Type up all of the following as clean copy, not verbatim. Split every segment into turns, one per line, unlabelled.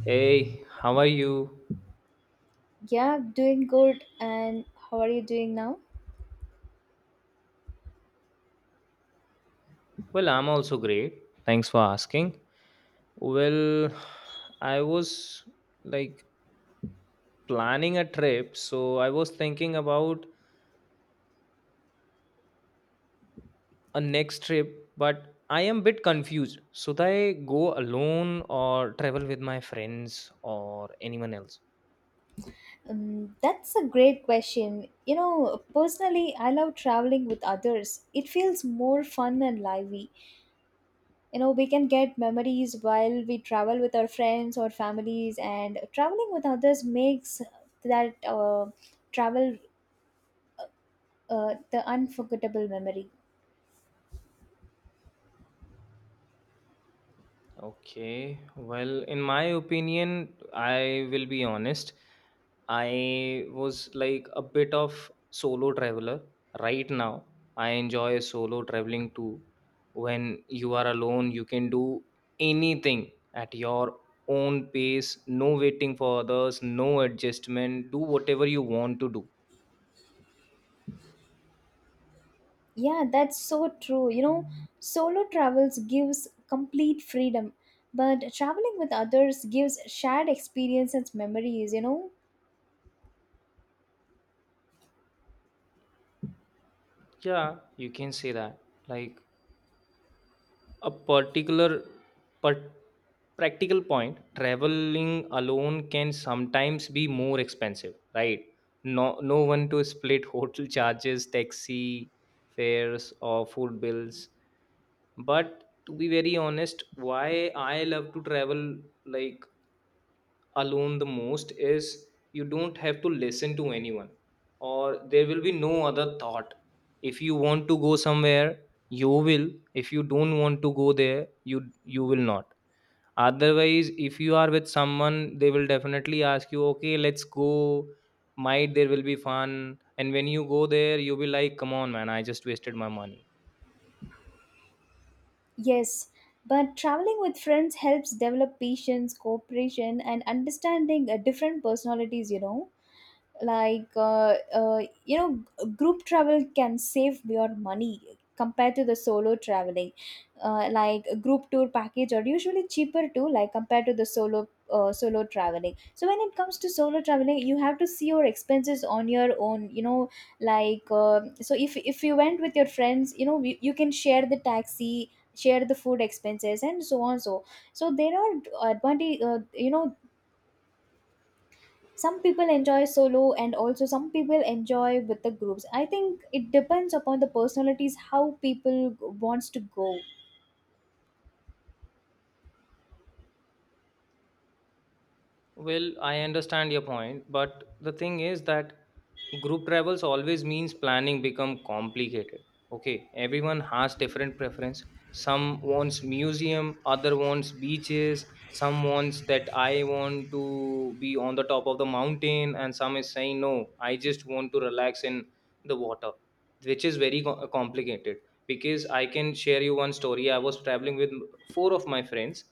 Hey, how are you?
Yeah, doing good. And how are you doing now?
Well, I'm also great. Thanks for asking. Well, I was like planning a trip, so I was thinking about a next trip, but I am bit confused. Should I go alone or travel with my friends or anyone else?
That's a great question. You know, personally, I love traveling with others. It feels more fun and lively. You know, we can get memories while we travel with our friends or families, and traveling with others makes that travel the unforgettable memory.
Okay. Well, in my opinion, I will be honest. I was a bit of solo traveler right now. I enjoy solo traveling too. When you are alone, you can do anything at your own pace, no waiting for others, no adjustment, do whatever you want to do.
Yeah, that's so true. You know, solo travels gives complete freedom, but traveling with others gives shared experience and memories, you know?
Yeah, you can say that. Like a particular but practical point, traveling alone can sometimes be more expensive, right? No, no one to split hotel charges, taxi fares or food bills. But to be very honest, why I love to travel like alone the most is you don't have to listen to anyone, or there will be no other thought. If you want to go somewhere, you will. If you don't want to go there, you you will not. Otherwise if you are with someone, they will definitely ask you, okay, let's go, might there will be fun, and when you go there, you'll be like, come on man, I just wasted my money.
Yes, but traveling with friends helps develop patience, cooperation, and understanding different personalities, you know? like uh, uh, you know Group travel can save your money compared to the solo traveling, like a group tour package are usually cheaper too, like compared to the solo traveling. So when it comes to solo traveling you have to see your expenses on your own, you know, so if you went with your friends, you know, you can share the taxi, share the food expenses and so on. So there are advantage, you know. Some people enjoy solo and also some people enjoy with the groups. I think it depends upon the personalities how people wants to go.
Well, I understand your point, but the thing is that group travels always means planning become complicated. Okay, everyone has different preference. Some wants museum, other wants beaches, some wants that I want to be on the top of the mountain, and some is saying no, I just want to relax in the water, which is very complicated. Because I can share you one story. I was traveling with four of my friends.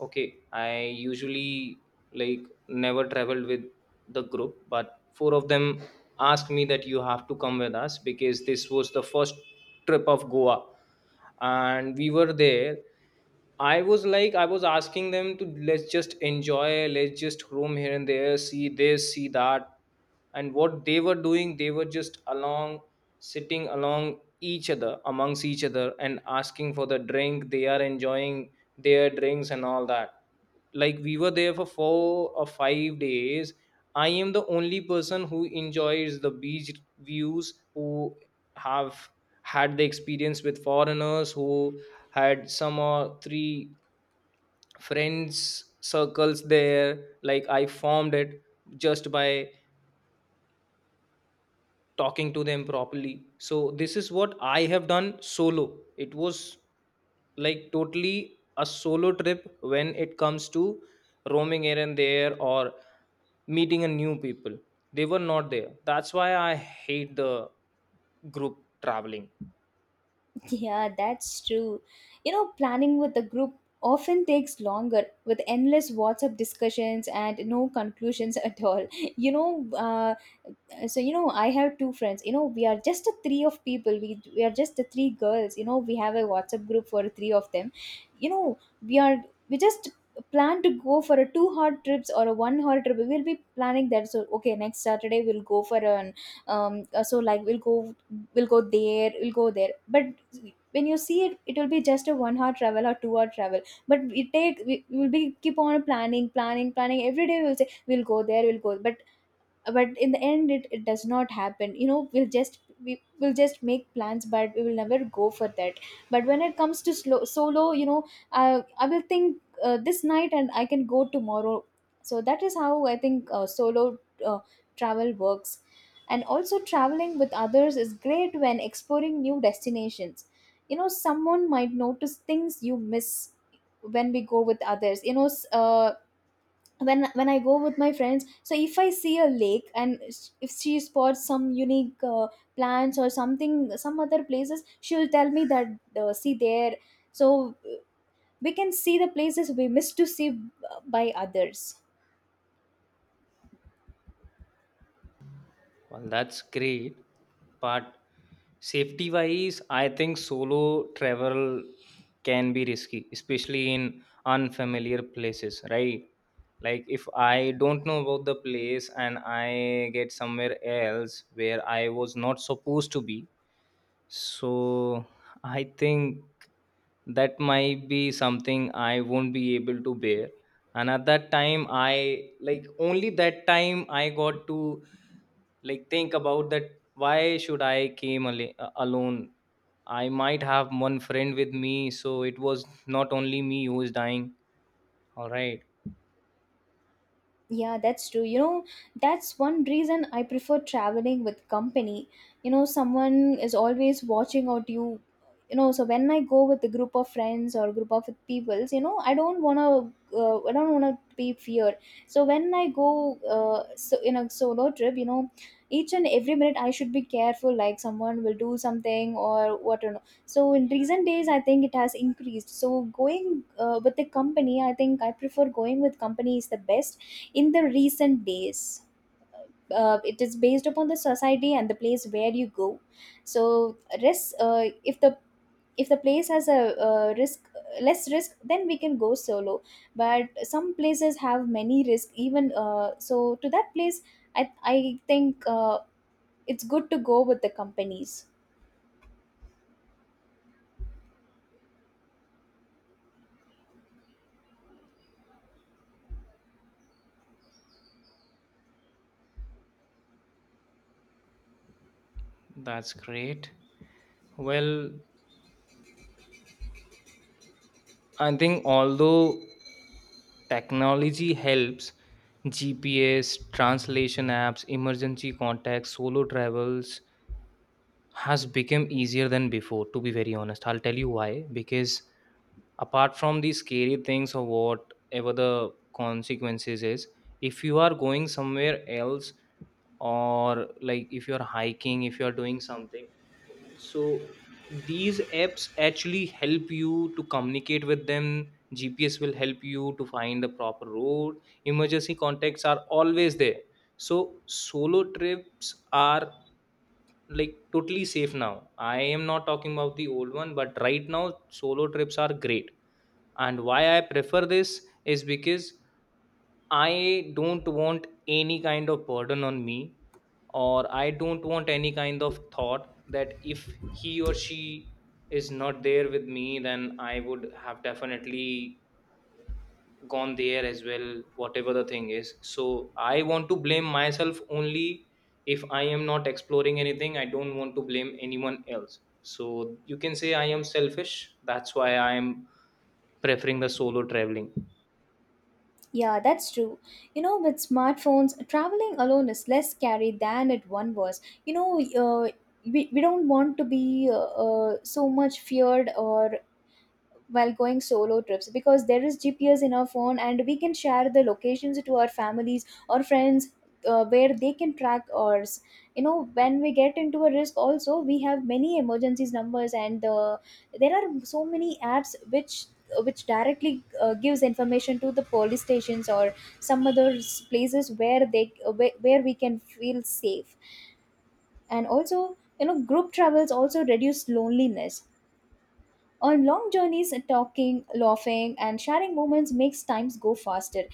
Okay, I usually never traveled with the group, but four of them asked me that you have to come with us because this was the first trip of Goa. And we were there. I was like, I was asking them to let's just enjoy, let's just roam here and there, see this, see that. And what they were doing, they were just along, sitting along each other, amongst each other, and asking for the drink. They are enjoying their drinks and all that. Like, we were there for four or five days. I am the only person who enjoys the beach views, who have had the experience with foreigners, who had some or three friends circles there. Like, I formed it just by talking to them properly. So this is what I have done solo. It was like totally a solo trip when it comes to roaming here and there or meeting a new people. They were not there. That's why I hate the group traveling.
Yeah, that's true. You know, planning with a group often takes longer, with endless WhatsApp discussions and no conclusions at all. You know, so you know, I have two friends, you know, we are just a three of people, we are just the three girls, you know, we have a WhatsApp group for three of them. You know, we are we just plan to go for a 2 hour trips or a 1 hour trip. We will be planning that, so okay, next Saturday we'll go for a so, like, we'll go there, but when you see it, it will be just a 1 hour travel or 2 hour travel, but we will be keep on planning, planning, planning every day. We'll say we'll go there, we'll go, but in the end it does not happen. You know, we will just make plans but we will never go for that. But when it comes to slow solo, you know, I will think this night and I can go tomorrow. So that is how I think, solo uh, travel works. And also traveling with others is great when exploring new destinations. You know, someone might notice things you miss. When we go with others, you know, when I go with my friends, so if I see a lake and if she spots some unique, plants or something, some other places, she'll tell me that, see there. So we can see the places we miss to see, by others.
Well, that's great. But safety wise, I think solo travel can be risky, especially in unfamiliar places, right? Like if I don't know about the place and I get somewhere else where I was not supposed to be, so I think that might be something I won't be able to bear. And at that time, I only that time I got to think about that, why should I alone. I might have one friend with me, so it was not only me who is dying, all right?
Yeah, that's true. You know, that's one reason I prefer traveling with company. You know, someone is always watching out you. You know, so when I go with a group of friends or group of peoples, you know, I don't wanna be fear. So when I go, so in a solo trip, you know, each and every minute I should be careful, like someone will do something or what. Or no. So in recent days, I think it has increased. So going with the company, I think I prefer going with company is the best in the recent days. It is based upon the society and the place where you go. So risk, if the place has a risk, less risk, then we can go solo, but some places have many risk even, so to that place I think, it's good to go with the companies.
That's great. Well, I think although technology helps, GPS, translation apps, emergency contacts, solo travels has become easier than before. To be very honest, I'll tell you why, because apart from the scary things or whatever the consequences is, if you are going somewhere else, or like if you're hiking, if you're doing something, so these apps actually help you to communicate with them. GPS will help you to find the proper road. Emergency contacts are always there. So solo trips are like totally safe now. I am not talking about the old one, but right now solo trips are great. And why I prefer this is because I don't want any kind of burden on me, or I don't want any kind of thought that if he or she is not there with me, then I would have definitely gone there as well. Whatever the thing is, so I want to blame myself only. If I am not exploring anything, I don't want to blame anyone else. So you can say I am selfish, that's why I am preferring the solo traveling.
Yeah, that's true. You know, with smartphones, traveling alone is less scary than it one was. You know, uh, we don't want to be so much feared or while going solo trips, because there is GPS in our phone and we can share the locations to our families or friends, where they can track ours. You know, when we get into a risk, also we have many emergencies numbers, and there are so many apps which directly, gives information to the police stations or some other places where where we can feel safe. And also, you know, group travels also reduce loneliness on long journeys. Talking, laughing, and sharing moments makes times go faster.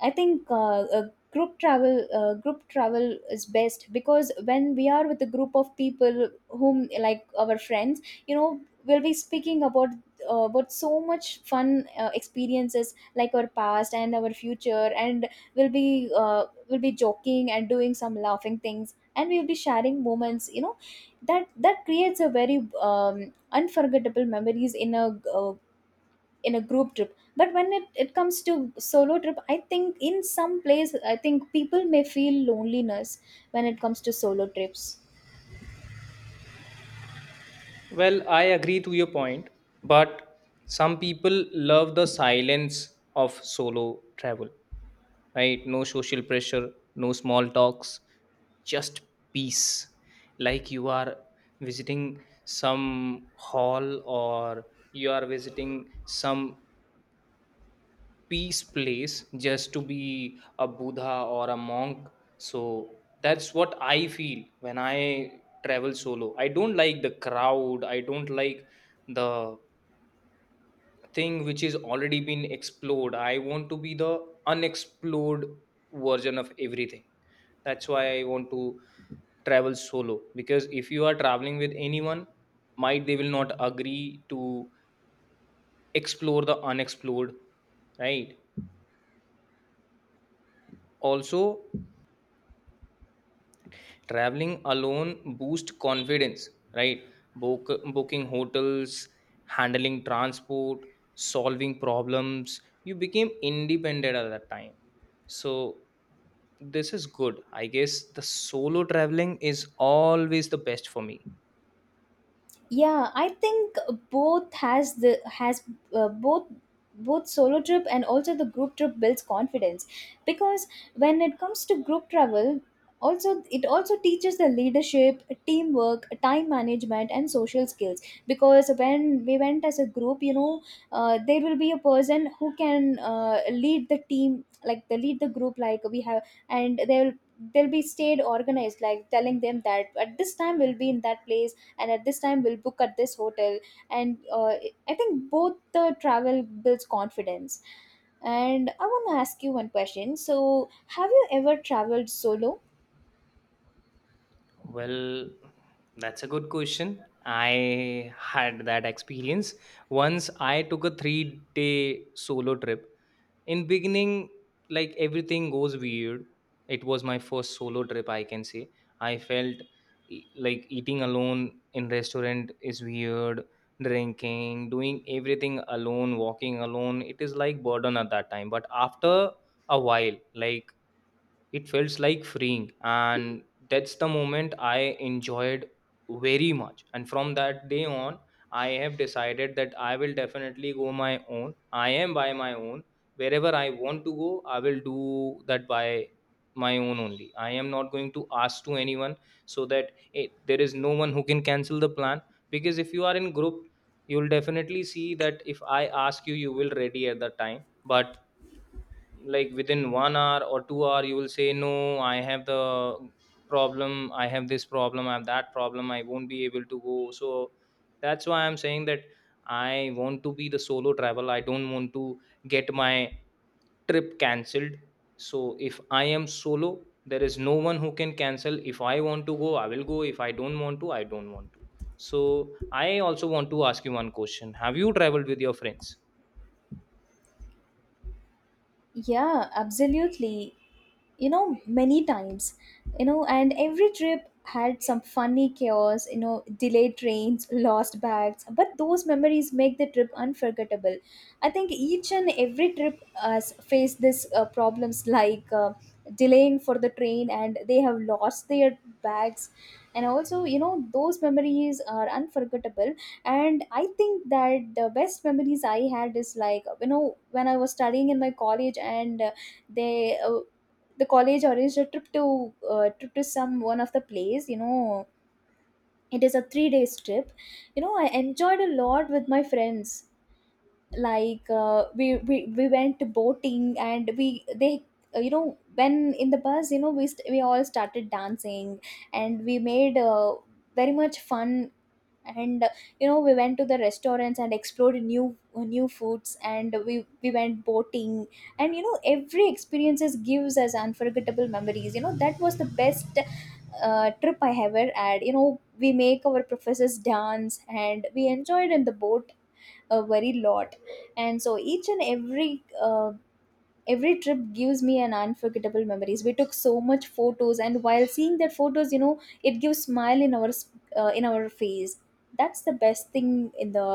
I think group travel is best, because when we are with a group of people whom like our friends, you know, we'll be speaking about, about so much fun, experiences like our past and our future, and we'll be, we'll be joking and doing some laughing things, and we'll be sharing moments. You know, that creates a very, unforgettable memories in a, in a group trip. But when it comes to solo trip, I think in some place I think people may feel loneliness when it comes to solo trips.
Well, I agree to your point, but some people love the silence of solo travel, right? No social pressure, no small talks, just peace. Like you are visiting some hall, or you are visiting some peace place, just to be a Buddha or a monk. So that's what I feel. When I travel solo, I don't like the crowd, I don't like the thing which is already been explored. I want to be the unexplored version of everything. That's why I want to travel solo, because if you are traveling with anyone, might they will not agree to explore the unexplored, right? Also, traveling alone boost confidence, right? Book, Booking hotels, handling transport, solving problems, you became independent at that time. So this is good. I guess the solo traveling is always the best for me.
Yeah, I think both has the has both both solo trip and also the group trip builds confidence, because when it comes to group travel, also it also teaches the leadership, teamwork, time management and social skills. Because when we went as a group, you know, there will be a person who can, lead the team, like the lead the group like we have. And they'll be stayed organized, like telling them that at this time we'll be in that place, and at this time we'll book at this hotel. And I think both the travel builds confidence. And I want to ask you one question, so have you ever traveled solo?
Well, that's a good question. I had that experience. Once I took a three day solo trip. In beginning, like everything goes weird. It was my first solo trip, I can say. I felt like eating alone in restaurant is weird, drinking, doing everything alone, walking alone, it is like burden at that time. But after a while, like it felt like freeing, and that's the moment I enjoyed very much. And from that day on, I have decided that I will definitely go my own. I am by my own. Wherever I want to go, I will do that by my own only. I am not going to ask to anyone, so that there is no one who can cancel the plan. Because if you are in group, you'll definitely see that if I ask you, you will ready at the time, but like within one hour or two hour you will say, no, I have the problem, I have this problem, I have that problem, I won't be able to go. So that's why I'm saying that I want to be the solo travel. I don't want to get my trip cancelled. So if I am solo, there is no one who can cancel. If I want to go, I will go. If I don't want to, I don't want to. So I also want to ask you one question, have you traveled with your friends?
Yeah, absolutely. You know, many times. You know, and every trip had some funny chaos, you know, delayed trains, lost bags, but those memories make the trip unforgettable. I think each and every trip has faced this, problems, like, delaying for the train and they have lost their bags. And also, you know, those memories are unforgettable. And I think that the best memories I had is, like, you know, when I was studying in my college, and they uh, the college arranged a trip to, trip to some one of the place. You know, it is a 3 days trip. You know, I enjoyed a lot with my friends. We went boating, and we they you know when in the bus, you know, we all started dancing. And we made, very much fun. And you know, we went to the restaurants and explored new, new foods, and we went boating. And you know, every experiences gives us unforgettable memories. You know, that was the best, trip I ever had. You know, we make our professors dance and we enjoyed in the boat a very lot. And so each and every, every trip gives me an unforgettable memories. We took so much photos and while seeing that photos, you know, it gives smile in our in our face. That's the best thing in the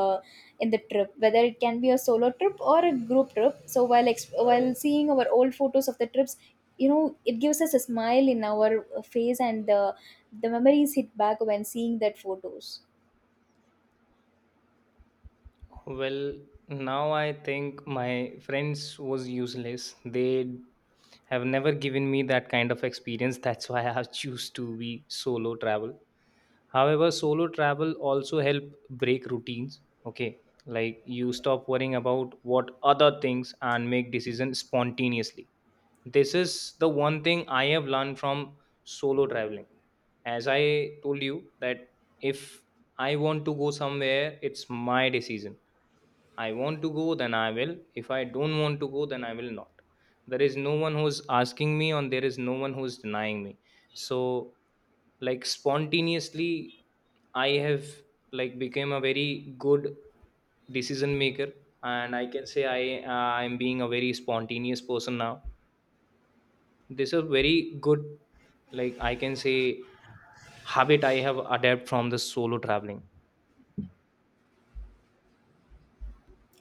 trip, whether it can be a solo trip or a group trip. So while while seeing our old photos of the trips, you know, it gives us a smile in our face, and the memories hit back when seeing that photos.
Well, now I think my friends was useless. They have never given me that kind of experience. That's why I have choose to be solo travel. However, solo travel also help break routines. Okay, like you stop worrying about what other things and make decisions spontaneously. This is the one thing I have learned from solo traveling. As I told you that if I want to go somewhere, it's my decision. I want to go, then I will. If I don't want to go, then I will not. There is no one who's asking me, and there is no one who's denying me. So, like spontaneously, I have became a very good decision maker, and I can say I I'm being a very spontaneous person now. This is a very good, like I can say habit I have adapted from the solo traveling.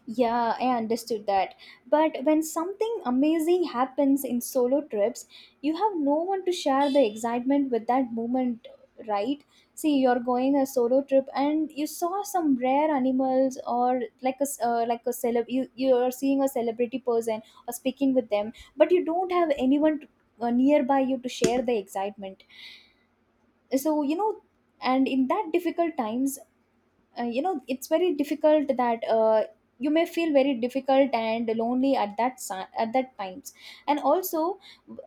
Yeah, I understood that. But when something amazing happens in solo trips, you have no one to share the excitement with that moment, right? See, you're going a solo trip and you saw some rare animals, or like a like a celeb, you're seeing a celebrity person or speaking with them, but you don't have anyone to, nearby you to share the excitement. So, you know, and in that difficult times, you know, it's very difficult that, you may feel very difficult and lonely at that at that times. And also,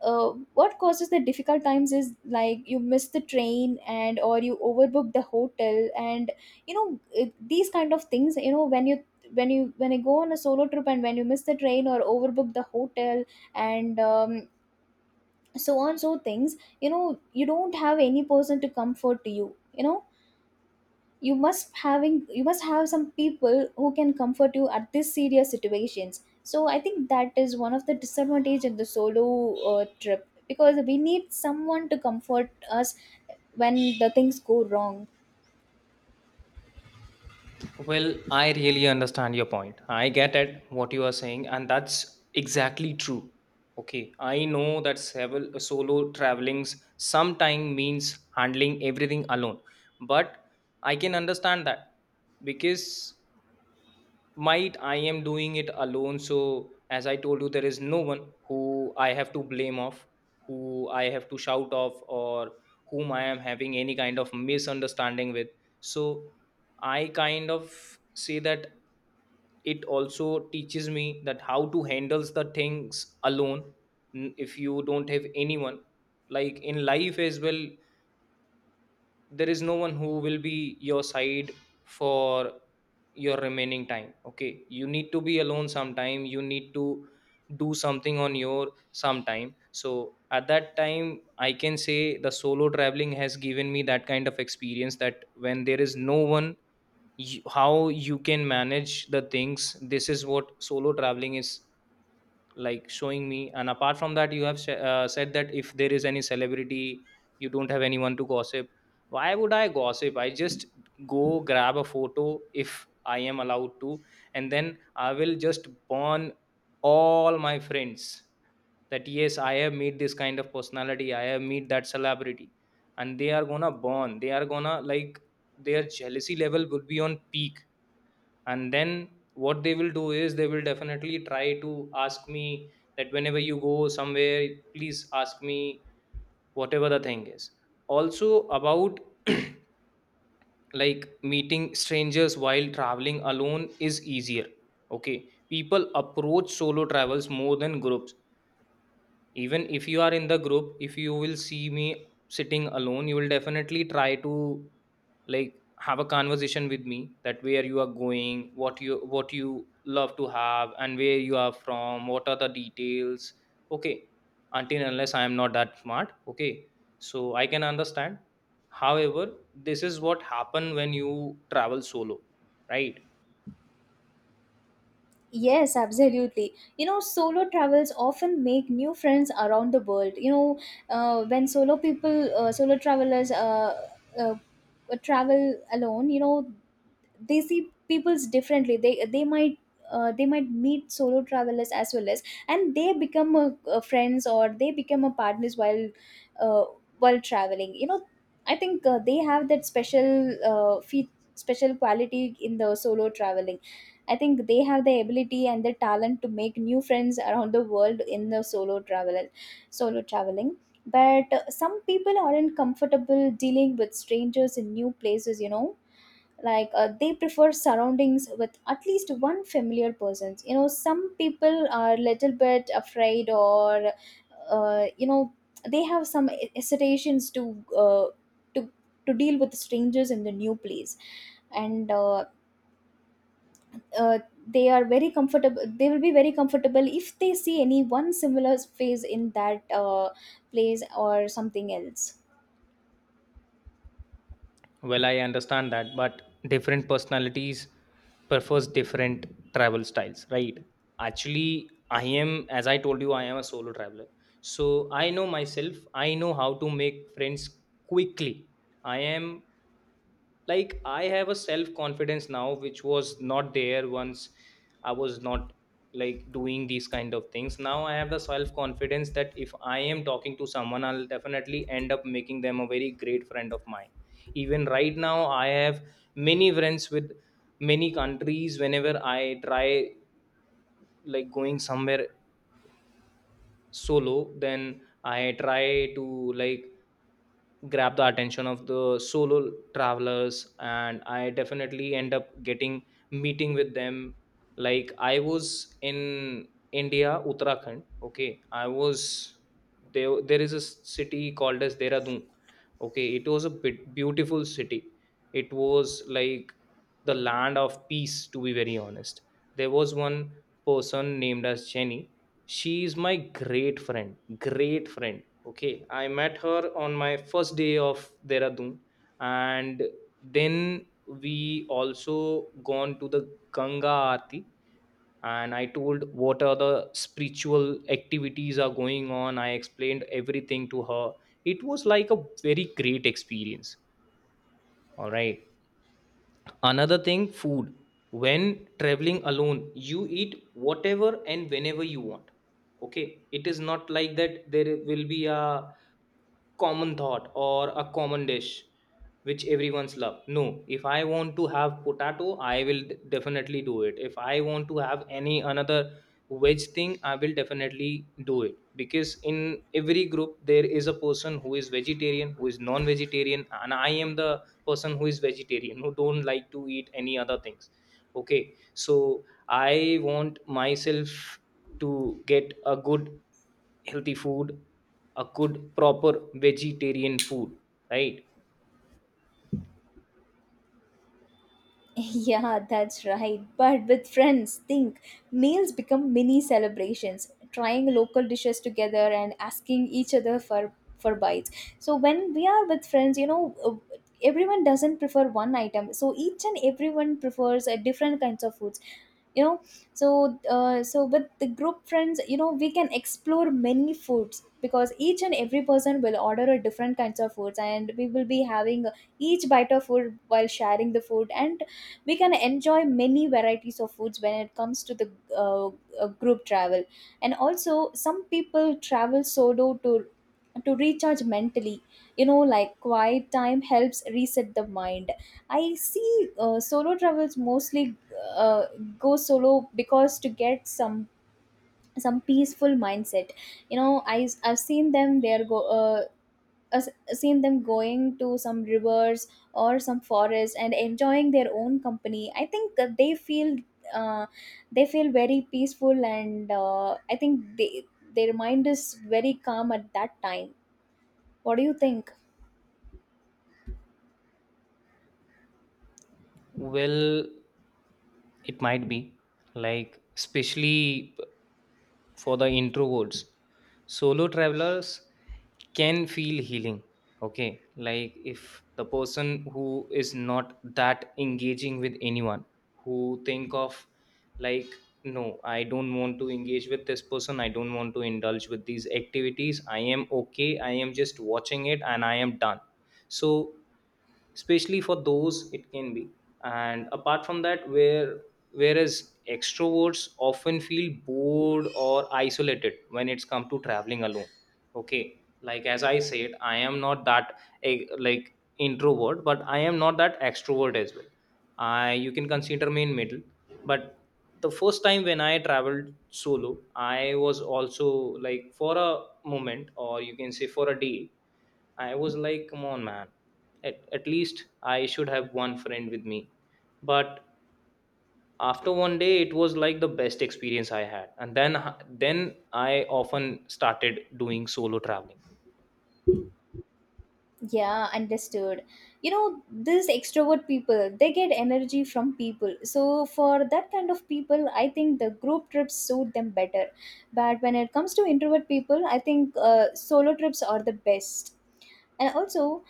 what causes the difficult times is like you miss the train and, or you overbook the hotel, and you know these kind of things. You know, when you when you go on a solo trip and when you miss the train or overbook the hotel, and so on so things, you know, you don't have any person to comfort you. You know, you must have some people who can comfort you at these serious situations. So I think that is one of the disadvantage in the solo, trip, because we need someone to comfort us when the things go wrong.
Well, I really understand your point. I get at what you are saying, and that's exactly true. Okay, I know that several solo travelings sometimes means handling everything alone, but I can understand that because might I am doing it alone. So, as I told you, there is no one who I have to blame off, who I have to shout off, or whom I am having any kind of misunderstanding with. So I kind of say that it also teaches me that how to handles the things alone. If you don't have anyone, like in life as well, there is no one who will be your side for your remaining time. Okay, you need to be alone sometime, you need to do something on your sometime. So at that time I can say the solo traveling has given me that kind of experience, that when there is no one you, how you can manage the things. This is what solo traveling is like showing me. And apart from that, you have said that if there is any celebrity you don't have anyone to gossip. Why would I gossip? I just go grab a photo if I am allowed to, and then I will just burn all my friends that yes, I have meet this kind of personality, I have meet that celebrity. And they are gonna burn, they are gonna like, their jealousy level would be on peak. And then what they will do is they will definitely try to ask me that whenever you go somewhere, please ask me, whatever the thing is. Also about like meeting strangers while traveling alone is easier. Okay, people approach solo travels more than groups. Even if you are in the group, if you will see me sitting alone, you will definitely try to like have a conversation with me that where you are going, what you love to have, and where you are from, what are the details. Okay, until and unless I am not that smart. Okay, so I can understand. However, this is what happen when you travel solo, right?
Yes, absolutely. You know, solo travels often make new friends around the world. You know, when solo people, solo travelers uh, travel alone, you know, they see peoples differently. They might they might meet solo travelers as well as, and they become a friends, or they become a partners uh, while traveling. You know, I think they have that special special quality in the solo traveling. I think they have the ability and the talent to make new friends around the world in the solo travel, solo traveling. But some people aren't comfortable dealing with strangers in new places. You know, like they prefer surroundings with at least one familiar person. You know, some people are little bit afraid, or uh, you know, they have some hesitations to to to deal with strangers in the new place, and uh, they will be very comfortable if they see any one similar face in that place or something else.
Well, I understand that, but different personalities prefers different travel styles, right? Actually, I am, as I told you, I am a solo traveler. So I know myself. I know how to make friends quickly. I am like I have a self confidence now which was not there once. I was not like doing these kind of things. Now I have the self confidence that if I am talking to someone, I'll definitely end up making them a very great friend of mine. Even right now I have many friends with many countries. Whenever I try like going somewhere solo, then I try to like grab the attention of the solo travelers, and I definitely end up getting meeting with them. Like I was in India, Uttarakhand. Okay, I was there, there is a city called as Dehradun. Okay, it was a bit beautiful city. It was like the land of peace, to be very honest. There was one person named as Jenny. She is my great friend. Great friend. Okay, I met her on my first day of Dehradun, and then we also gone to the Ganga Aarti, and I told what are the spiritual activities are going on. I explained everything to her. It was like a very great experience. All right. Another thing, food. When traveling alone, you eat whatever and whenever you want. Okay, it is not like that there will be a common thought or a common dish which everyone's love. No, if I want to have potato, I will definitely do it. If I want to have any another veg thing, I will definitely do it, because in every group there is a person who is vegetarian, who is non vegetarian, and I am the person who is vegetarian who don't like to eat any other things. Okay, so I want myself to get a good healthy food, a good proper vegetarian food, right?
Yeah, that's right, but with friends think meals become mini celebrations, trying local dishes together and asking each other for bites. So when we are with friends, you know, everyone doesn't prefer one item, so each and everyone prefers a different kinds of food, you know. So so with the group friends, you know, we can explore many foods, because each and every person will order a different kinds of foods, and we will be having each bite of food while sharing the food, and we can enjoy many varieties of foods when it comes to the uh, group travel. And also some people travel solo to recharge mentally, you know, like quiet time helps reset the mind. I see. Solo travels mostly uh, go solo because to get some peaceful mindset. You know, I've seen them, they're go I've seen them going to some rivers or some forest and enjoying their own company. I think that uh, they feel very peaceful, and I think they, their mind is very calm at that time. What do you think?
Well, it might be like especially for the introverts, solo travelers can feel healing. Okay, like if the person who is not that engaging with anyone, who think of like, no, I don't want to engage with this person, I don't want to indulge with these activities, I am okay, I am just watching it and I am done. So especially for those it can be. And apart from that, where whereas extroverts often feel bored or isolated when it's come to traveling alone. Okay, like as I said, I am not that like introvert, but I am not that extrovert as well. I, you can consider me in middle. But the first time when I traveled solo, I was also like for a moment, or you can say for a day, I was like, come on, man. At least I should have one friend with me. But after one day, it was like the best experience I had. And then I often started doing solo traveling.
Yeah, understood. You know, these extrovert people, they get energy from people. So for that kind of people, I think the group trips suit them better. But when it comes to introvert people, I think solo trips are the best. And also,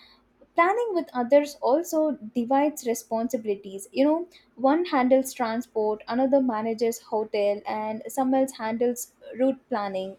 planning with others also divides responsibilities. You know, one handles transport, another manages hotel, and someone else handles route planning.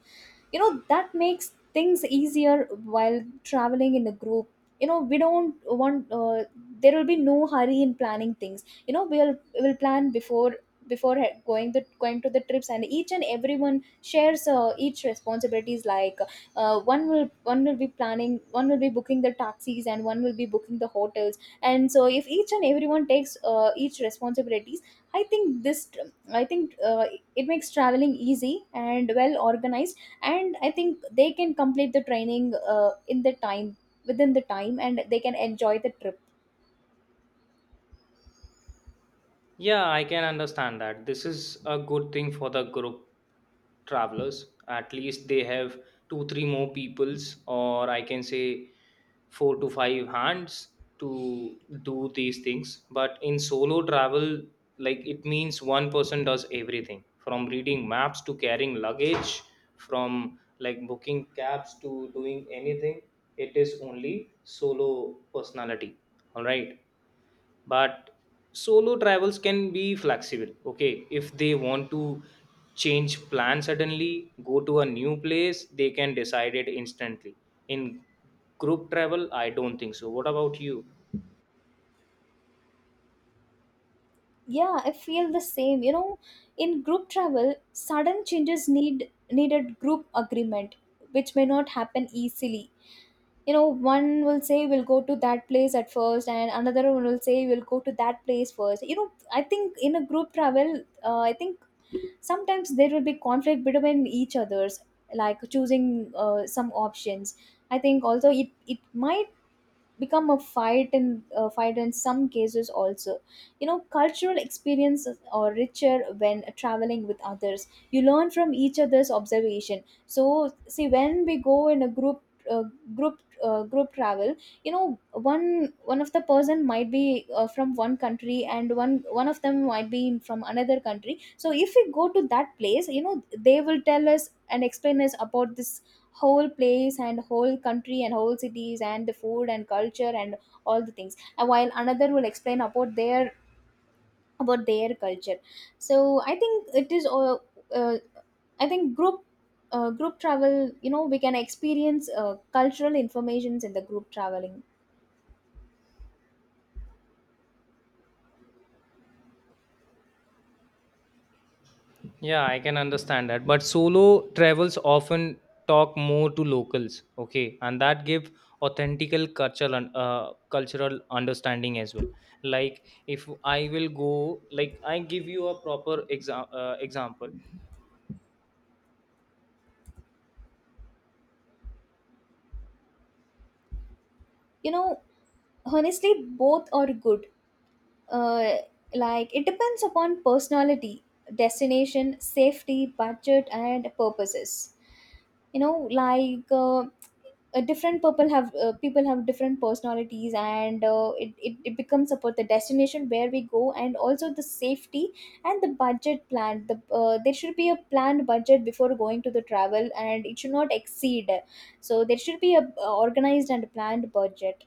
You know, that makes things easier while traveling in a group. You know, we don't want there will be no hurry in planning things. You know, we'll plan before going to the trips, and each and everyone shares each responsibilities, like one will be planning, one will be booking the taxis, and one will be booking the hotels. And so if each and everyone takes each responsibilities, I think this, I think it makes traveling easy and well organized, and I think they can complete the training in the time within the time, and they can enjoy the trip.
Yeah, I can understand that. This is a good thing for the group travelers. At least they have two three more peoples, or I can say four to five hands to do these things. But in solo travel, like it means one person does everything from reading maps to carrying luggage, from like booking cabs to doing anything. It is only solo personality. All right. But solo travels can be flexible. Okay, if they want to change plan suddenly, go to a new place, they can decide it instantly. In group travel I don't think so. What about you?
Yeah, I feel the same, you know. In group travel, sudden changes needed group agreement, which may not happen easily. You know, one will say we'll go to that place at first, and another one will say we'll go to that place first. You know, I think in a group travel, I think sometimes there will be conflict between each others, like choosing some options. I think also it might become a fight in fight in some cases also. You know, cultural experiences are richer when traveling with others. You learn from each other's observation. So see, when we go in a group, uh, group travel, you know, one of the person might be from one country, and one of them might be from another country. So if we go to that place, you know, they will tell us and explain us about this whole place and whole country and whole cities and the food and culture and all the things, and while another will explain about their culture. So I think it is uh, I think group travel, you know, we can experience cultural informations in the group traveling.
Yeah, I can understand that. But solo travels often talk more to locals. Okay, and that give authentical cultural cultural understanding as well. Like if I will go, like I give you a proper example.
You know, honestly, both are good. uh, like, it depends upon personality, destination, safety, budget and purposes. You know, like different people have different personalities, and it becomes about the destination where we go, and also the safety and the budget plan. There should be a planned budget before going to the travel, and it should not exceed. So there should be a organized and planned budget.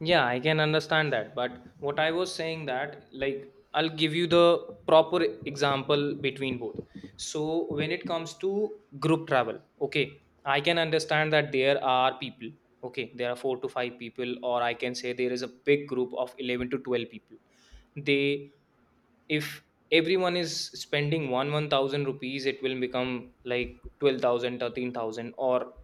Yeah, I can understand that. But what I was saying that, like, I'll give you the proper example between both. So, when it comes to group travel, okay, I can understand that there are people, okay, there are four to five people, or I can say there is a big group of 11 to 12 people. They, if everyone is spending 1000 rupees, it will become like 12,000, 13,000, or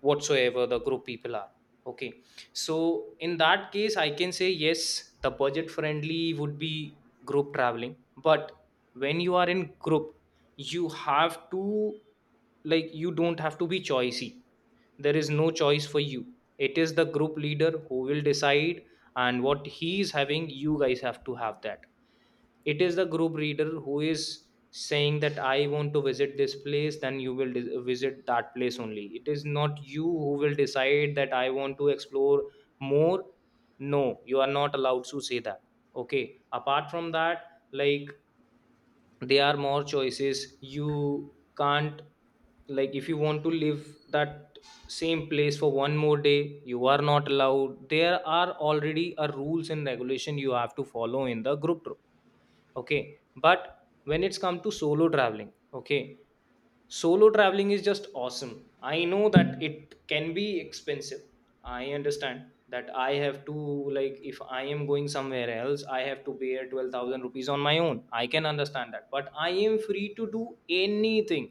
whatsoever the group people are, okay. So in that case, I can say yes, the budget friendly would be group traveling. But when you are in group, you have to like you don't have to be choicy. There is no choice for you. It is the group leader who will decide, and what he is having, you guys have to have that. It is the group leader who is saying that I want to visit this place, then you will visit that place only. It is not you who will decide that I want to explore more. No, you are not allowed to say that. Okay, apart from that, like there are more choices you can't like, if you want to live that same place for one more day you are not allowed. There are already a rules and regulation you have to follow in the group trip. Okay, but when it's come to solo traveling, okay, solo traveling is just awesome. I know that it can be expensive. I understand that I have to like if I am going somewhere else I have to pay 12,000 rupees on my own. I can understand that, but I am free to do anything.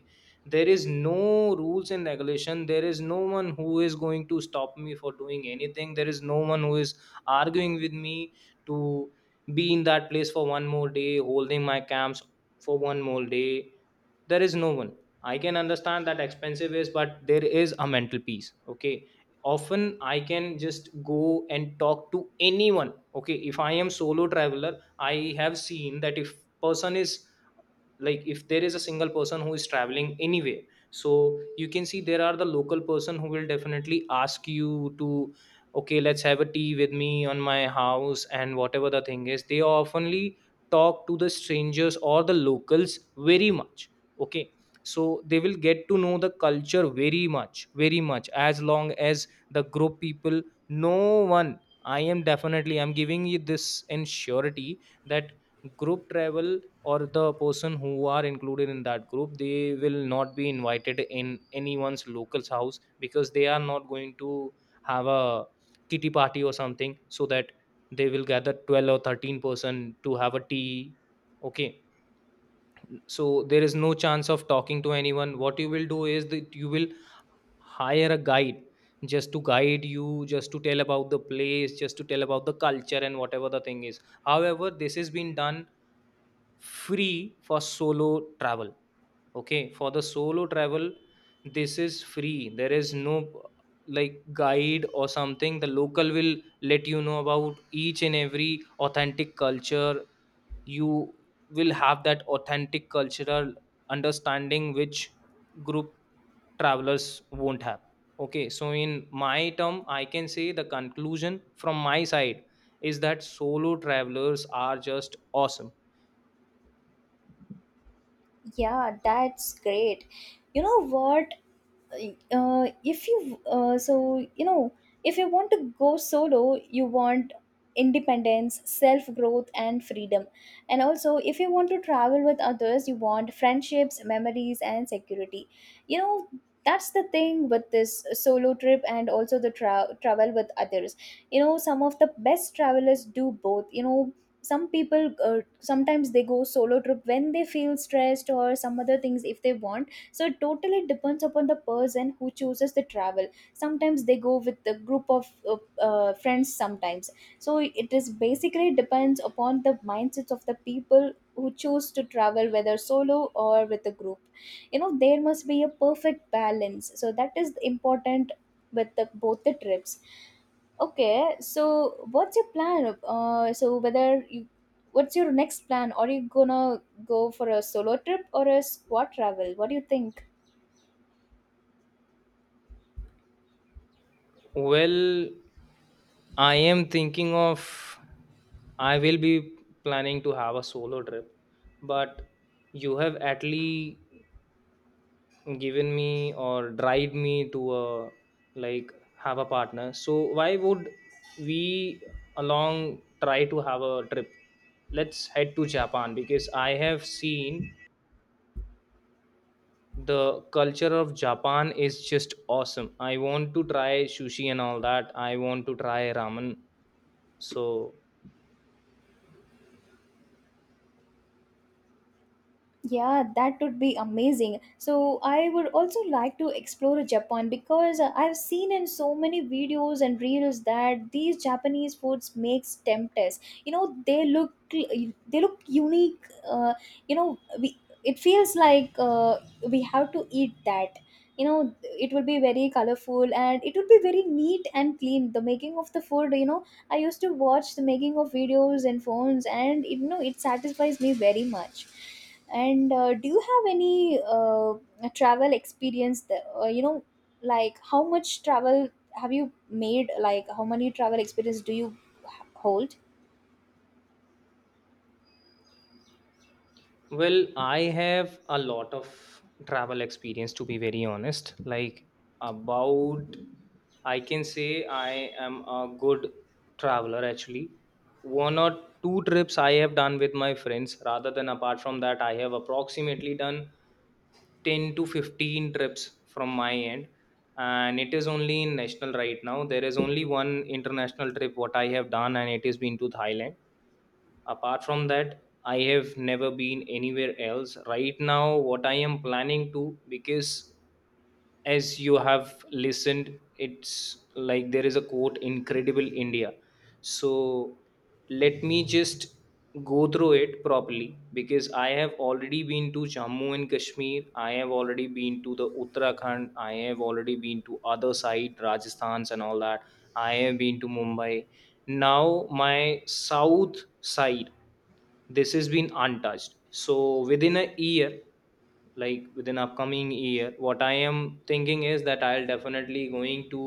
There is no rules and regulation. There is no one who is going to stop me for doing anything. There is no one who is arguing with me to be in that place for one more day, holding my camps for one more day. There is no one. I can understand that expensive is, but there is a mental peace. Okay, often I can just go and talk to anyone. Okay, if I am solo traveler, I have seen that if person is like if there is a single person who is traveling anywhere, so you can see there are the local person who will definitely ask you to, okay, let's have a tea with me on my house, and whatever the thing is, they oftenly talk to the strangers or the locals very much. Okay, so they will get to know the culture very much very much, as long as the group people, no one. I am definitely, I'm giving you this in surety, that group travel, or the person who are included in that group, they will not be invited in anyone's local's house, because they are not going to have a kitty party or something, so that they will gather 12 or 13 person to have a tea. Okay, so there is no chance of talking to anyone. What you will do is that you will hire a guide, just to guide you, just to tell about the place, just to tell about the culture, and whatever the thing is. However, this has been done free for solo travel. Okay, for the solo travel, this is free. There is no like guide or something, the local will let you know about each and every authentic culture. You will have that authentic cultural understanding which group travelers won't have. Okay, so in my term I can say the conclusion from my side is that solo travelers are just awesome.
Yeah, that's great. You know what, uh, if you so you know, if you want to go solo, you want independence, self growth and freedom. And also if you want to travel with others, you want friendships, memories and security. You know, that's the thing with this solo trip and also the travel with others. You know, some of the best travelers do both. You know, some people sometimes they go solo trip when they feel stressed or some other things, if they want. So it totally depends upon the person who chooses the travel. Sometimes they go with the group of friends sometimes. So it is basically depends upon the mindsets of the people who choose to travel, whether solo or with a group. You know, there must be a perfect balance, so that is important with the, both the trips. Okay, so what's your plan, so whether you, what's your next plan? Are you gonna go for a solo trip or a squad travel? What do you think?
Well, I am thinking of, I will be planning to have a solo trip, but you have at least given me or drive me to a like have a partner. So why would we along try to have a trip? Let's head to Japan because I have seen the culture of Japan is just awesome. I want to try sushi and all that. I want to try ramen. So.
Yeah, that would be amazing. So I would also like to explore Japan, because I've seen in so many videos and reels that these Japanese foods makes tempters. You know, they look unique. You know, we, it feels like we have to eat that. You know, it would be very colorful, and it would be very neat and clean. The making of the food, you know, I used to watch the making of videos and phones, and you know, it satisfies me very much. And do you have any travel experience? That, you know, like how much travel have you made? Like, how many travel experience do you hold?
Well, I have a lot of travel experience, to be very honest. Like about I can say I am a good traveler actually. One or two trips I have done with my friends rather than apart from that I have approximately done 10 to 15 trips from my end, and it is only in national right now. There is only one international trip what I have done and it has been to Thailand. Apart from that I have never been anywhere else right now. What I am planning to, because as you have listened it's like there is a quote incredible India. So let me just go through it properly, because I have already been to Jammu and Kashmir, I have already been to the Uttarakhand, I have already been to other side Rajasthans and all that. I have been to Mumbai. Now my south side, this has been untouched. So within a year, like within upcoming year, what I am thinking is that I'll definitely going to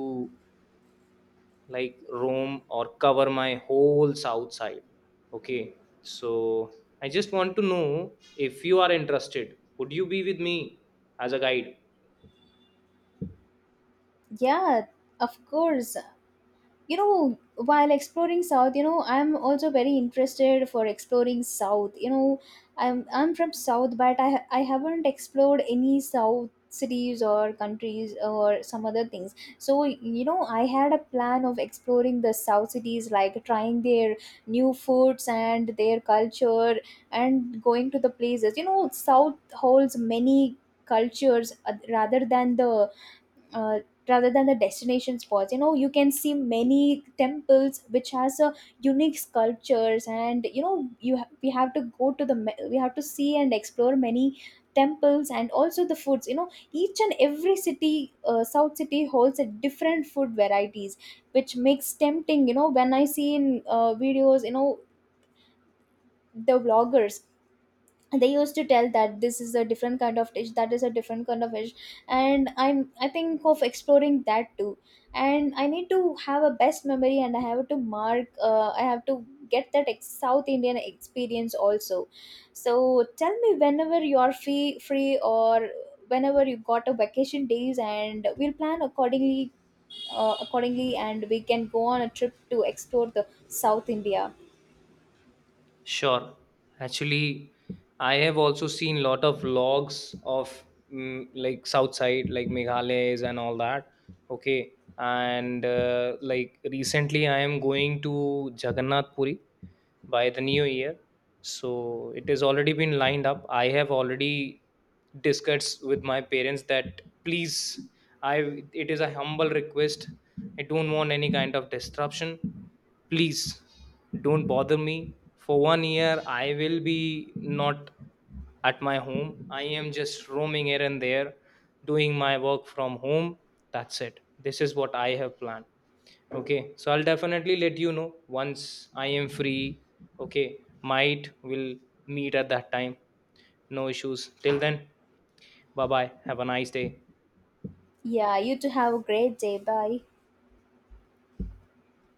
like roam or cover my whole south side. Okay, so I just want to know if you are interested, would you be with me as a guide?
Yeah, of course. You know, while exploring south, you know, I'm also very interested for exploring south. You know, I'm from south, but I haven't explored any south cities or countries or some other things. So you know, I had a plan of exploring the south cities, like trying their new foods and their culture and going to the places. You know, south holds many cultures, uh, rather than the destination spots. You know, you can see many temples which has a unique sculptures, and you know, you we have to go to the we have to see and explore many temples. And also the foods, you know, each and every city, south city, holds a different food varieties, which makes tempting. You know, when I see in videos, you know, the vloggers, they used to tell that this is a different kind of dish, that is a different kind of dish, and I am, I think of exploring that too. And I need to have a best memory, and I have to mark I have to get that south Indian experience also. So tell me whenever you are free free, or whenever you got a vacation days, and we'll plan accordingly. And we can go on a trip to explore the south India.
Sure. Actually, I have also seen lot of logs of like south side, like Meghalaya's and all that. Okay, and like recently, I am going to Jagannath Puri by the new year, so it has already been lined up. I have already discussed with my parents that please, I, it is a humble request, I don't want any kind of disruption. Please don't bother me for one year. I will be not at my home. I am just roaming here and there, doing my work from home. That's it. This is what I have planned. Okay, so I'll definitely let you know once I am free. Okay, might will meet at that time. No issues. Till then, bye bye. Have a nice day.
Yeah, you too, have a great day, bye.